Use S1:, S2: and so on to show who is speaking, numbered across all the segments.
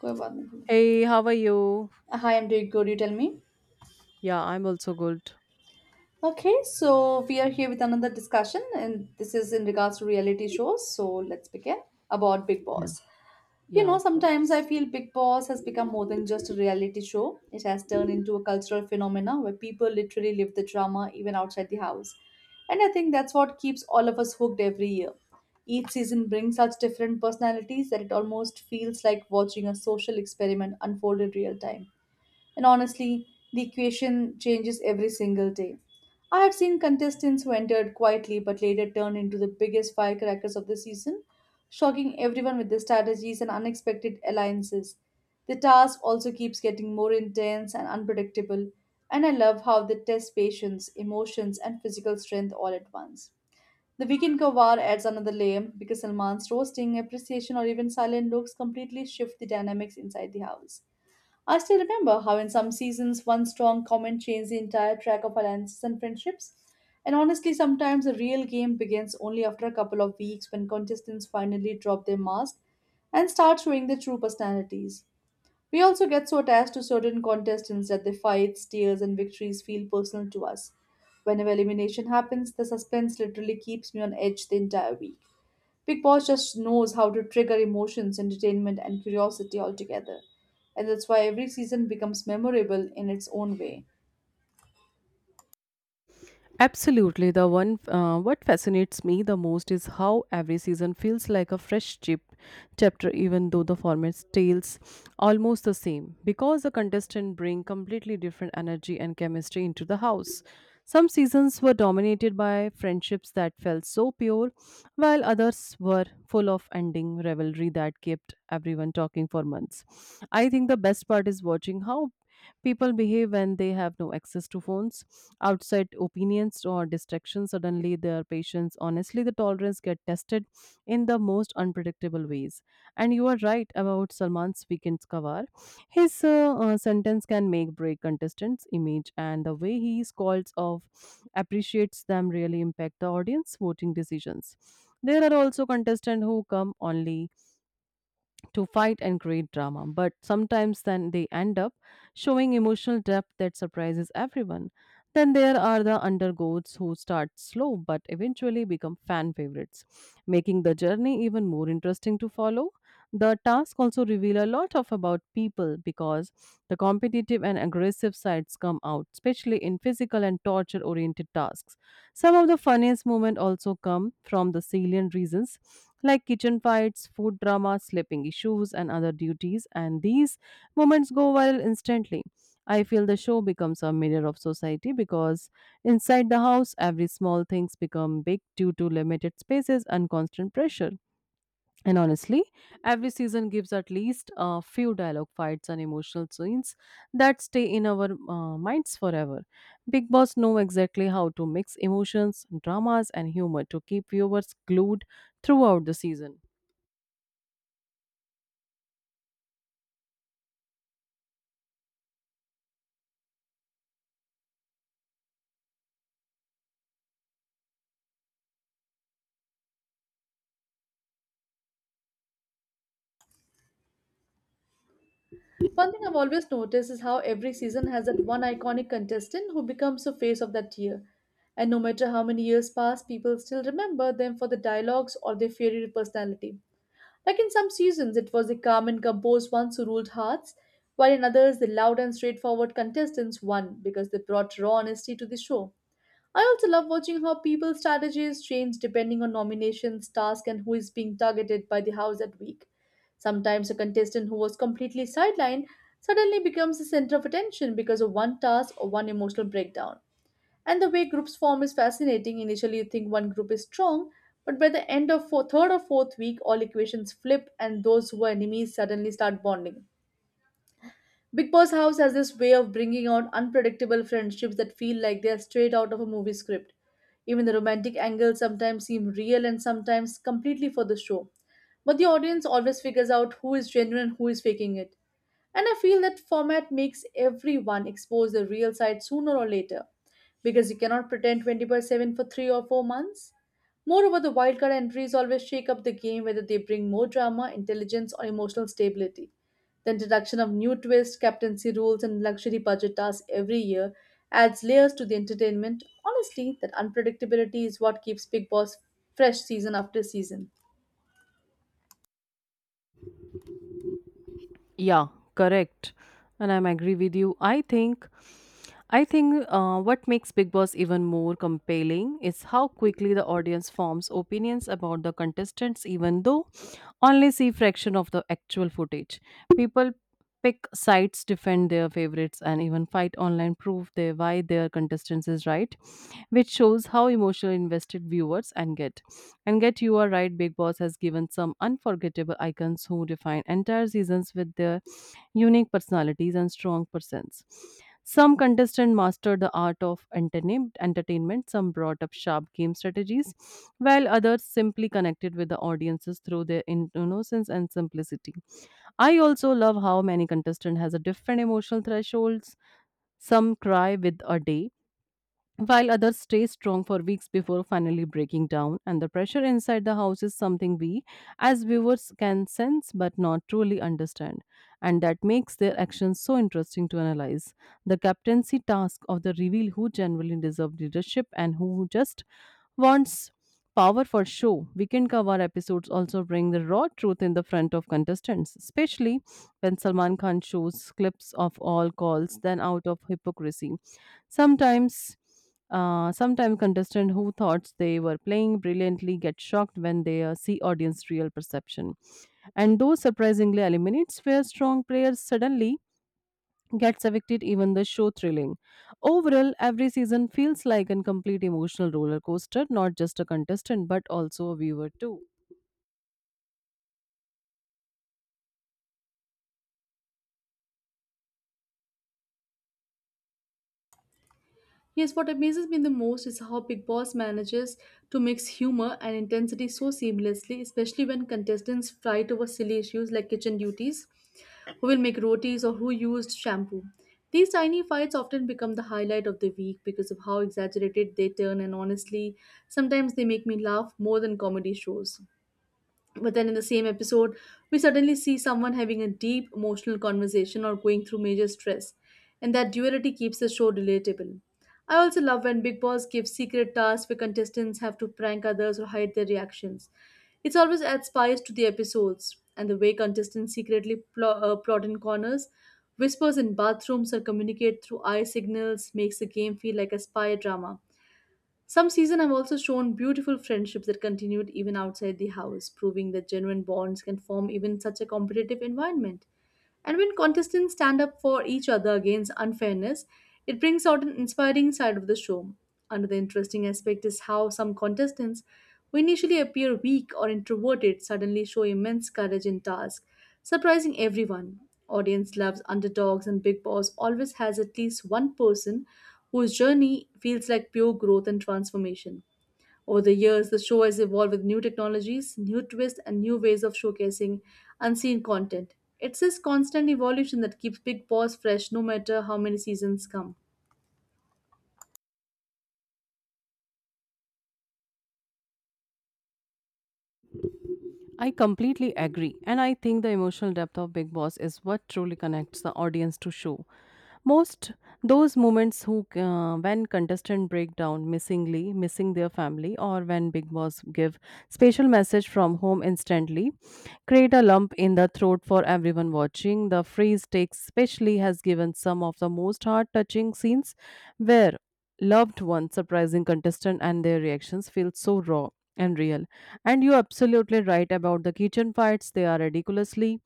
S1: कोई बात नहीं
S2: Hey, how are you?
S1: Hi, I'm doing good. You tell me.
S2: Yeah, I'm also good.
S1: Okay, so we are here with another discussion, and this is in regards to reality shows. So let's begin about Big
S2: Yeah,
S1: Boss. You
S2: yeah,
S1: know,
S2: of
S1: sometimes I
S2: course.
S1: feel Big Boss has become more than just a reality show. It has turned into a cultural phenomena where people literally live the drama even outside the house. And I think that's what keeps all of us hooked every year. Each season brings such different personalities that it almost feels like watching a social experiment unfold in real time. And honestly, the equation changes every single day. I have seen contestants who entered quietly but later turned into the biggest firecrackers of the season, shocking everyone with their strategies and unexpected alliances. The task also keeps getting more intense and unpredictable, and I love how they test patience, emotions, and physical strength all at once. The weekend kawar adds another layer because Salman's roasting, appreciation, or even silent looks completely shift the dynamics inside the house. I still remember how, in some seasons, one strong comment changed the entire track of alliances and friendships. And honestly, sometimes the real game begins only after a couple of weeks when contestants finally drop their mask and start showing their true personalities. We also get so attached to certain contestants that their fights, tears, and victories feel personal to us. Whenever elimination happens, the suspense literally keeps me on edge the entire week. Big Boss just knows how to trigger emotions, entertainment, and curiosity all together. And that's why every season becomes memorable in its own way.
S2: Absolutely. The one What fascinates me the most is how every season feels like a fresh chip chapter, even though the format stays almost the same, because the contestants bring completely different energy and chemistry into the house. Some seasons were dominated by friendships that felt so pure, while others were full of ending rivalry that kept everyone talking for months. I think the best part is watching how people behave when they have no access to phones, outside opinions, or distractions. Suddenly, their patience, honestly, the tolerance get tested in the most unpredictable ways. And you are right about Salman's weekend cover. His sentence can make break contestants' image, and the way he is called off appreciates them really impact the audience voting decisions. There are also contestants who come only to fight and create drama, but sometimes then they end up showing emotional depth that surprises everyone. Then there are the undergoats who start slow but eventually become fan favorites, making the journey even more interesting to follow. The tasks also reveal a lot of about people because the competitive and aggressive sides come out, especially in physical and torture oriented tasks. Some of the funniest moments also come from the salient reasons like kitchen fights, food drama, sleeping issues, and other duties, and these moments go viral instantly. I feel the show becomes a mirror of society because inside the house, every small things become big due to limited spaces and constant pressure. And honestly, every season gives at least a few dialogue fights and emotional scenes that stay in our minds forever. Big Boss know exactly how to mix emotions, dramas, and humor to keep viewers glued throughout the season.
S1: One thing I've always noticed is how every season has that one iconic contestant who becomes the face of that year. And no matter how many years pass, people still remember them for the dialogues or their fiery personality. Like in some seasons, it was the calm and composed ones who ruled hearts, while in others, the loud and straightforward contestants won because they brought raw honesty to the show. I also love watching how people's strategies change depending on nominations, task, and who is being targeted by the house that week. Sometimes a contestant who was completely sidelined suddenly becomes the center of attention because of one task or one emotional breakdown. And the way groups form is fascinating. Initially, you think one group is strong, but by the end of third or fourth week, all equations flip, and those who were enemies suddenly start bonding. Big Boss House has this way of bringing out unpredictable friendships that feel like they're straight out of a movie script. Even the romantic angles sometimes seem real and sometimes completely for the show. But the audience always figures out who is genuine and who is faking it. And I feel that format makes everyone expose their real side sooner or later because you cannot pretend 24/7 for 3 or 4 months. Moreover, the wildcard entries always shake up the game whether they bring more drama, intelligence, or emotional stability. The introduction of new twists, captaincy rules, and luxury budget tasks every year adds layers to the entertainment. Honestly, that unpredictability is what keeps Big Boss fresh season after season.
S2: Yeah, correct. And I'm agree with you. I think what makes Big Boss even more compelling is how quickly the audience forms opinions about the contestants, even though only see fraction of the actual footage. People pick sites, defend their favorites, and even fight online, prove their why their contestants is right, which shows how emotionally invested viewers and get. And get you are right, Big Boss has given some unforgettable icons who define entire seasons with their unique personalities and strong presence. Some contestants mastered the art of entertainment, some brought up sharp game strategies, while others simply connected with the audiences through their innocence and simplicity. I also love how many contestant has a different emotional thresholds. Some cry with a day, while others stay strong for weeks before finally breaking down. And the pressure inside the house is something we, as viewers, can sense but not truly understand. And that makes their actions so interesting to analyze. The captaincy task of the reveal who genuinely deserve leadership and who just wants power for show. Weekend cover episodes also bring the raw truth in the front of contestants, especially when Salman Khan shows clips of all calls, then out of hypocrisy. Sometimes Sometimes contestants who thought they were playing brilliantly get shocked when they see audience real perception, and those surprisingly eliminates where strong players suddenly gets evicted even the show thrilling. Overall, every season feels like a complete emotional roller coaster, not just a contestant but also a viewer too.
S1: Yes, what amazes me the most is how Big Boss manages to mix humor and intensity so seamlessly, especially when contestants fight over silly issues like kitchen duties, who will make rotis, or who used shampoo. These tiny fights often become the highlight of the week because of how exaggerated they turn, and honestly, sometimes they make me laugh more than comedy shows. But then in the same episode, we suddenly see someone having a deep emotional conversation or going through major stress, and that duality keeps the show relatable. I also love when Big Boss gives secret tasks where contestants have to prank others or hide their reactions. It always adds spice to the episodes, and the way contestants secretly plot in corners, whispers in bathrooms, or communicate through eye signals makes the game feel like a spy drama. Some seasons have also shown beautiful friendships that continued even outside the house, proving that genuine bonds can form even in such a competitive environment. And when contestants stand up for each other against unfairness, it brings out an inspiring side of the show. Another interesting aspect is how some contestants, who initially appear weak or introverted, suddenly show immense courage in tasks, surprising everyone. Audience loves underdogs, and Big Boss always has at least one person whose journey feels like pure growth and transformation. Over the years, the show has evolved with new technologies, new twists, and new ways of showcasing unseen content. It's this constant evolution that keeps Big Boss fresh no matter how many seasons come.
S2: I completely agree, and I think the emotional depth of Big Boss is what truly connects the audience to show. Most those moments who when contestant break down missing their family, or when Big Boss give special message from home instantly create a lump in the throat for everyone watching. The freeze takes especially has given some of the most heart touching scenes where loved one surprising contestant and their reactions feel so raw and real. And you're absolutely right about the kitchen fights. They are ridiculously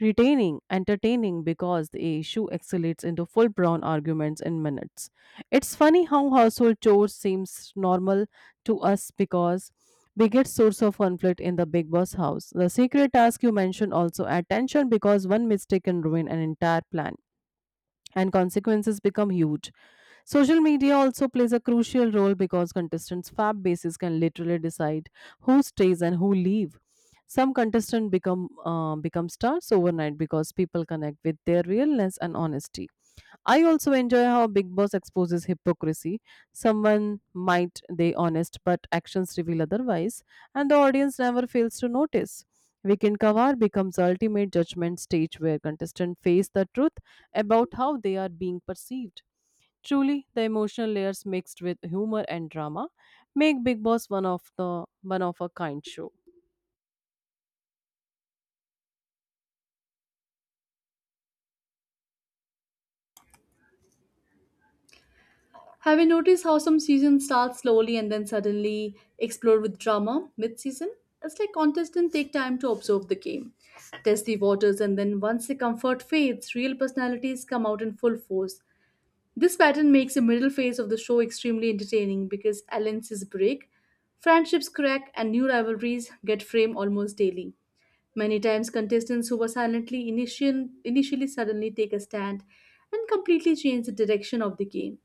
S2: retaining entertaining because the issue escalates into full blown arguments in minutes. It's funny how household chores seems normal to us because biggest source of conflict in the Big Boss house. The secret task you mentioned also attention because one mistake can ruin an entire plan and consequences become huge. Social media also plays a crucial role because contestants' fab bases can literally decide who stays and who leave. Some contestants become stars overnight because people connect with their realness and honesty. I also enjoy how Big Boss exposes hypocrisy. Someone might they honest, but actions reveal otherwise, and the audience never fails to notice. Weekend Kavar becomes the ultimate judgment stage where contestants face the truth about how they are being perceived. Truly, the emotional layers mixed with humor and drama make Big Boss one of a kind show.
S1: Have you noticed how some seasons start slowly and then suddenly explode with drama mid season? It's like contestants take time to observe the game, test the waters, and then once the comfort fades, real personalities come out in full force. This pattern makes the middle phase of the show extremely entertaining because alliances break, friendships crack, and new rivalries get framed almost daily. Many times, contestants who were initially suddenly take a stand and completely change the direction of the game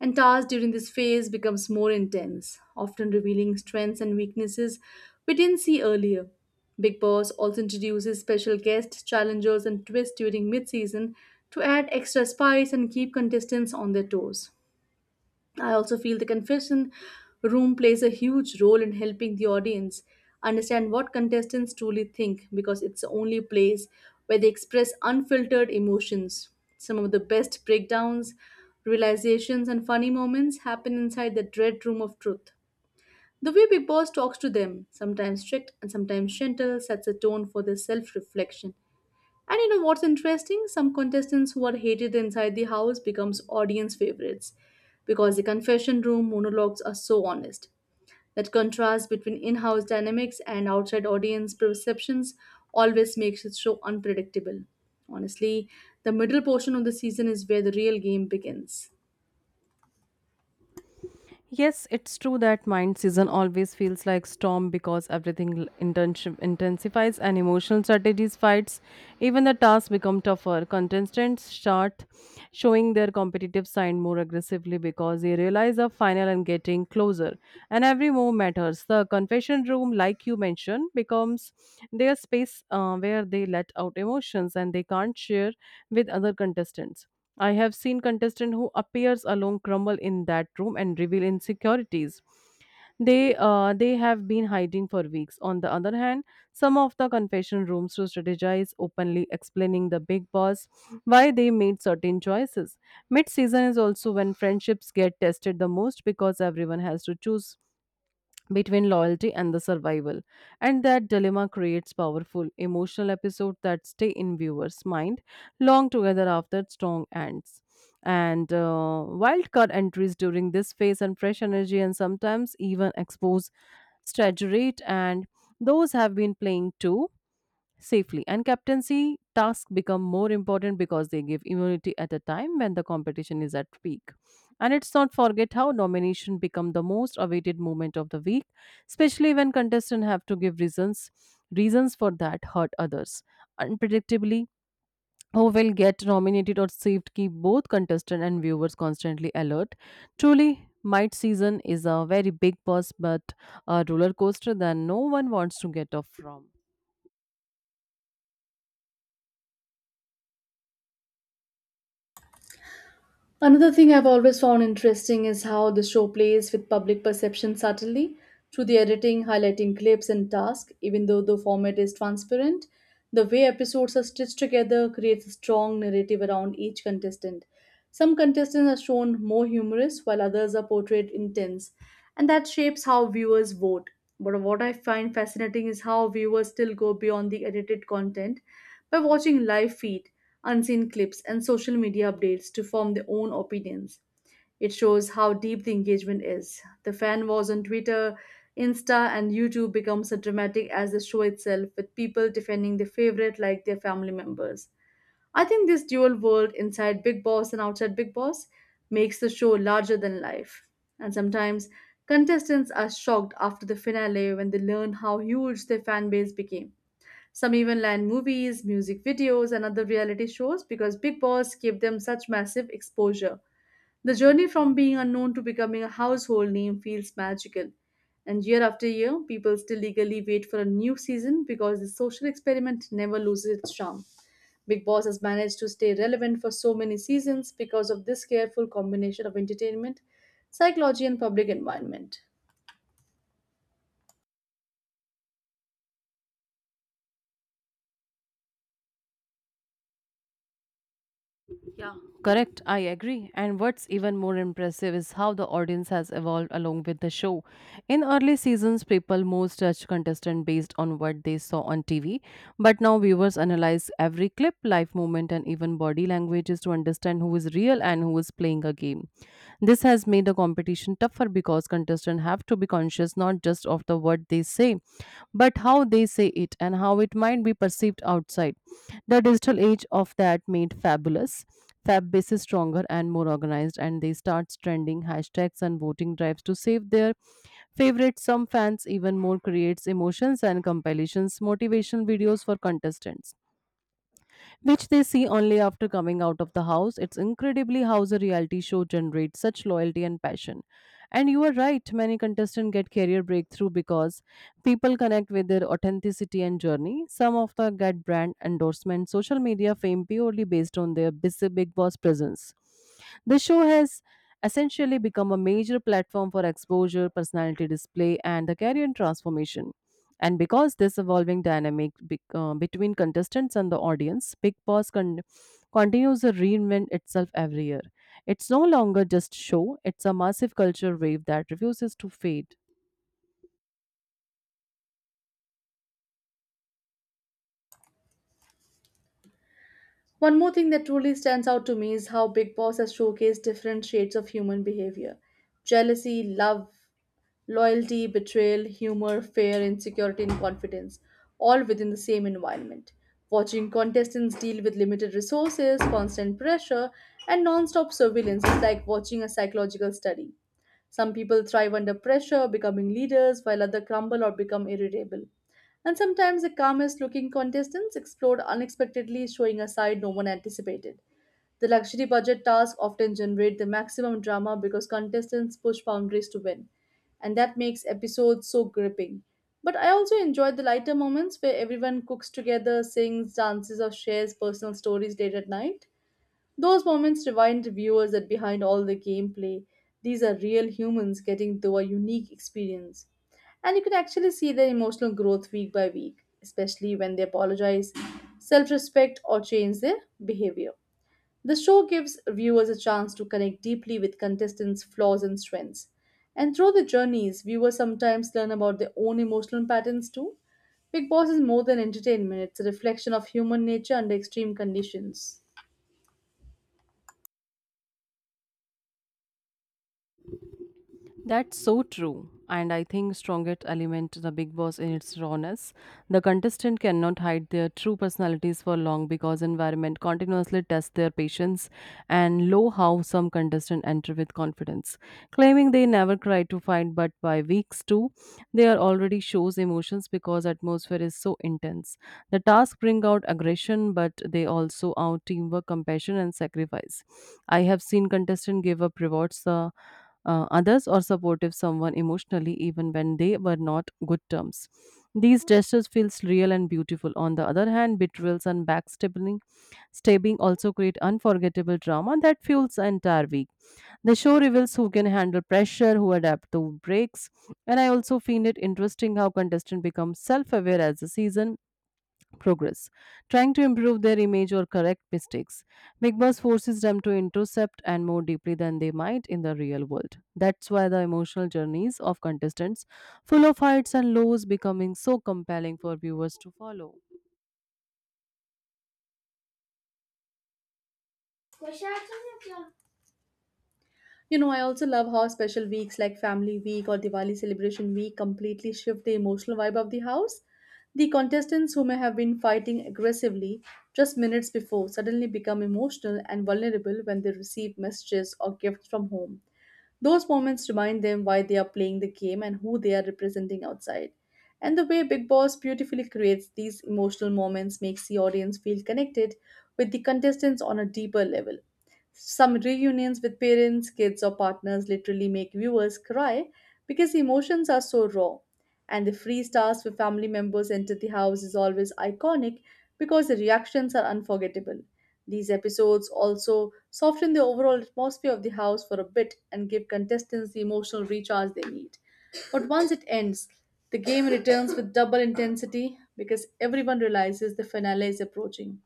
S1: and tasks during this phase becomes more intense, often revealing strengths and weaknesses we didn't see earlier. Big Boss also introduces special guests, challengers, and twists during mid-season to add extra spice and keep contestants on their toes. I also feel the confession room plays a huge role in helping the audience understand what contestants truly think because it's the only place where they express unfiltered emotions. Some of the best breakdowns, realizations, and funny moments happen inside the dread room of truth. The way Big Boss talks to them, sometimes strict and sometimes gentle, sets a tone for their self reflection. And you know what's interesting? Some contestants who are hated inside the house becomes audience favorites because the confession room monologues are so honest. That contrast between in-house dynamics and outside audience perceptions always makes it so unpredictable. Honestly, the middle portion of the season is where the real game begins.
S2: Yes, it's true that mind season always feels like storm because everything intensifies and emotional strategies fights. Even the tasks become tougher. Contestants start showing their competitive side more aggressively because they realize the final and getting closer. And every move matters. The confession room, like you mentioned, becomes their space where they let out emotions and they can't share with other contestants. I have seen contestant who appears alone crumble in that room and reveal insecurities they have been hiding for weeks. On the other hand, some of the confession rooms to strategize openly, explaining the Big Boss why they made certain choices. Mid season is also when friendships get tested the most because everyone has to choose between loyalty and the survival, and that dilemma creates powerful emotional episodes that stay in viewers mind long together after strong ends. And wildcard entries during this phase and fresh energy and sometimes even expose strategy and those have been playing too safely. And captaincy tasks become more important because they give immunity at a time when the competition is at peak. And it's not forget how nomination become the most awaited moment of the week, especially when contestants have to give reasons for that hurt others. Unpredictably, who will get nominated or saved keep both contestant and viewers constantly alert. Truly, Might season is a very big bus but a roller coaster that no one wants to get off from.
S1: Another thing I've always found interesting is how the show plays with public perception subtly through the editing, highlighting clips, and tasks. Even though the format is transparent, the way episodes are stitched together creates a strong narrative around each contestant. Some contestants are shown more humorous, while others are portrayed intense, and that shapes how viewers vote. But what I find fascinating is how viewers still go beyond the edited content by watching live feed, unseen clips, and social media updates to form their own opinions. It shows how deep the engagement is. The fan wars on Twitter, Insta, and YouTube become as dramatic as the show itself, with people defending their favorite like their family members. I think this dual world inside Big Boss and outside Big Boss makes the show larger than life. And sometimes contestants are shocked after the finale when they learn how huge their fan base became. Some even land movies, music videos, and other reality shows because Big Boss gave them such massive exposure. The journey from being unknown to becoming a household name feels magical. And year after year, people still eagerly wait for a new season because the social experiment never loses its charm. Big Boss has managed to stay relevant for so many seasons because of this careful combination of entertainment, psychology, and public environment.
S2: Yeah. Correct, I agree. And what's even more impressive is how the audience has evolved along with the show. In early seasons, people most judged contestant based on what they saw on TV, but now viewers analyze every clip, life movement, and even body languages to understand who is real and who is playing a game. This has made the competition tougher because contestants have to be conscious not just of the what they say, but how they say it and how it might be perceived outside. The digital age of that made fabulous. Fab base is stronger and more organized, and they start trending hashtags and voting drives to save their favorite. Some fans even more creates emotions and compilations, motivation videos for contestants which they see only after coming out of the house. It's incredibly how the reality show generates such loyalty and passion. And you are right, many contestants get career breakthrough because people connect with their authenticity and journey. Some of them get brand endorsement, social media fame purely based on their busy Big Boss presence. The show has essentially become a major platform for exposure, personality display, and the career transformation. And because this evolving dynamic between contestants and the audience, continues to reinvent itself every year. It's no longer just show, it's a massive culture wave that refuses to fade.
S1: One more thing that truly stands out to me is how Big Boss has showcased different shades of human behavior jealousy, love, loyalty, betrayal, humor, fear, insecurity, and confidence, all within the same environment. Watching contestants deal with limited resources, constant pressure, and non stop surveillance is like watching a psychological study. Some people thrive under pressure, becoming leaders, while others crumble or become irritable. And sometimes the calmest looking contestants explode unexpectedly, showing a side no one anticipated. The luxury budget tasks often generate the maximum drama because contestants push boundaries to win, and that makes episodes so gripping. But I also enjoyed the lighter moments where everyone cooks together, sings, dances, or shares personal stories late at night. Those moments remind the viewers that behind all the gameplay, these are real humans getting through a unique experience. And you can actually see their emotional growth week by week, especially when they apologize, self respect, or change their behavior. The show gives viewers a chance to connect deeply with contestants' flaws and strengths. And through the journeys, viewers sometimes learn about their own emotional patterns too. Big Boss is more than entertainment, it's a reflection of human nature under extreme conditions.
S2: That's so true. And I think strongest element to the Big Boss in its rawness. The contestant cannot hide their true personalities for long because environment continuously tests their patience and low how some contestant enter with confidence, claiming they never cry to fight, but by weeks two, they are already shows emotions because atmosphere is so intense. The tasks bring out aggression, but they also out teamwork, compassion, and sacrifice. I have seen contestants give up rewards the others or supportive someone emotionally even when they were not good terms. These gestures feels real and beautiful. On the other hand, betrayals and backstabbing stabbing also create unforgettable drama that fuels the entire week. The show reveals who can handle pressure, who adapt to breaks, and I also find it interesting how contestants become self-aware as the season progress, trying to improve their image or correct mistakes. Big Boss forces them to intercept and more deeply than they might in the real world. That's why the emotional journeys of contestants, full of heights and lows, becoming so compelling for viewers to follow.
S1: You know, I also love how special weeks like Family Week or Diwali Celebration Week completely shift the emotional vibe of the house. The contestants who may have been fighting aggressively just minutes before suddenly become emotional and vulnerable when they receive messages or gifts from home. Those moments remind them why they are playing the game and who they are representing outside. And the way Big Boss beautifully creates these emotional moments makes the audience feel connected with the contestants on a deeper level. Some reunions with parents, kids, or partners literally make viewers cry because emotions are so raw. And the free stars for family members enter the house is always iconic because the reactions are unforgettable. These episodes also soften the overall atmosphere of the house for a bit and give contestants the emotional recharge they need. But once it ends, the game returns with double intensity because everyone realizes the finale is approaching.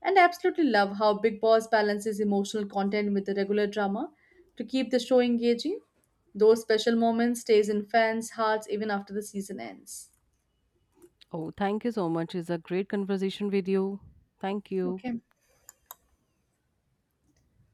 S1: And I absolutely love how Big Boss balances emotional content with the regular drama to keep the show engaging. Those special moments stays in fans' hearts even after the season ends.
S2: Oh, thank you so much. It's a great conversation with you. Thank you.
S1: Okay.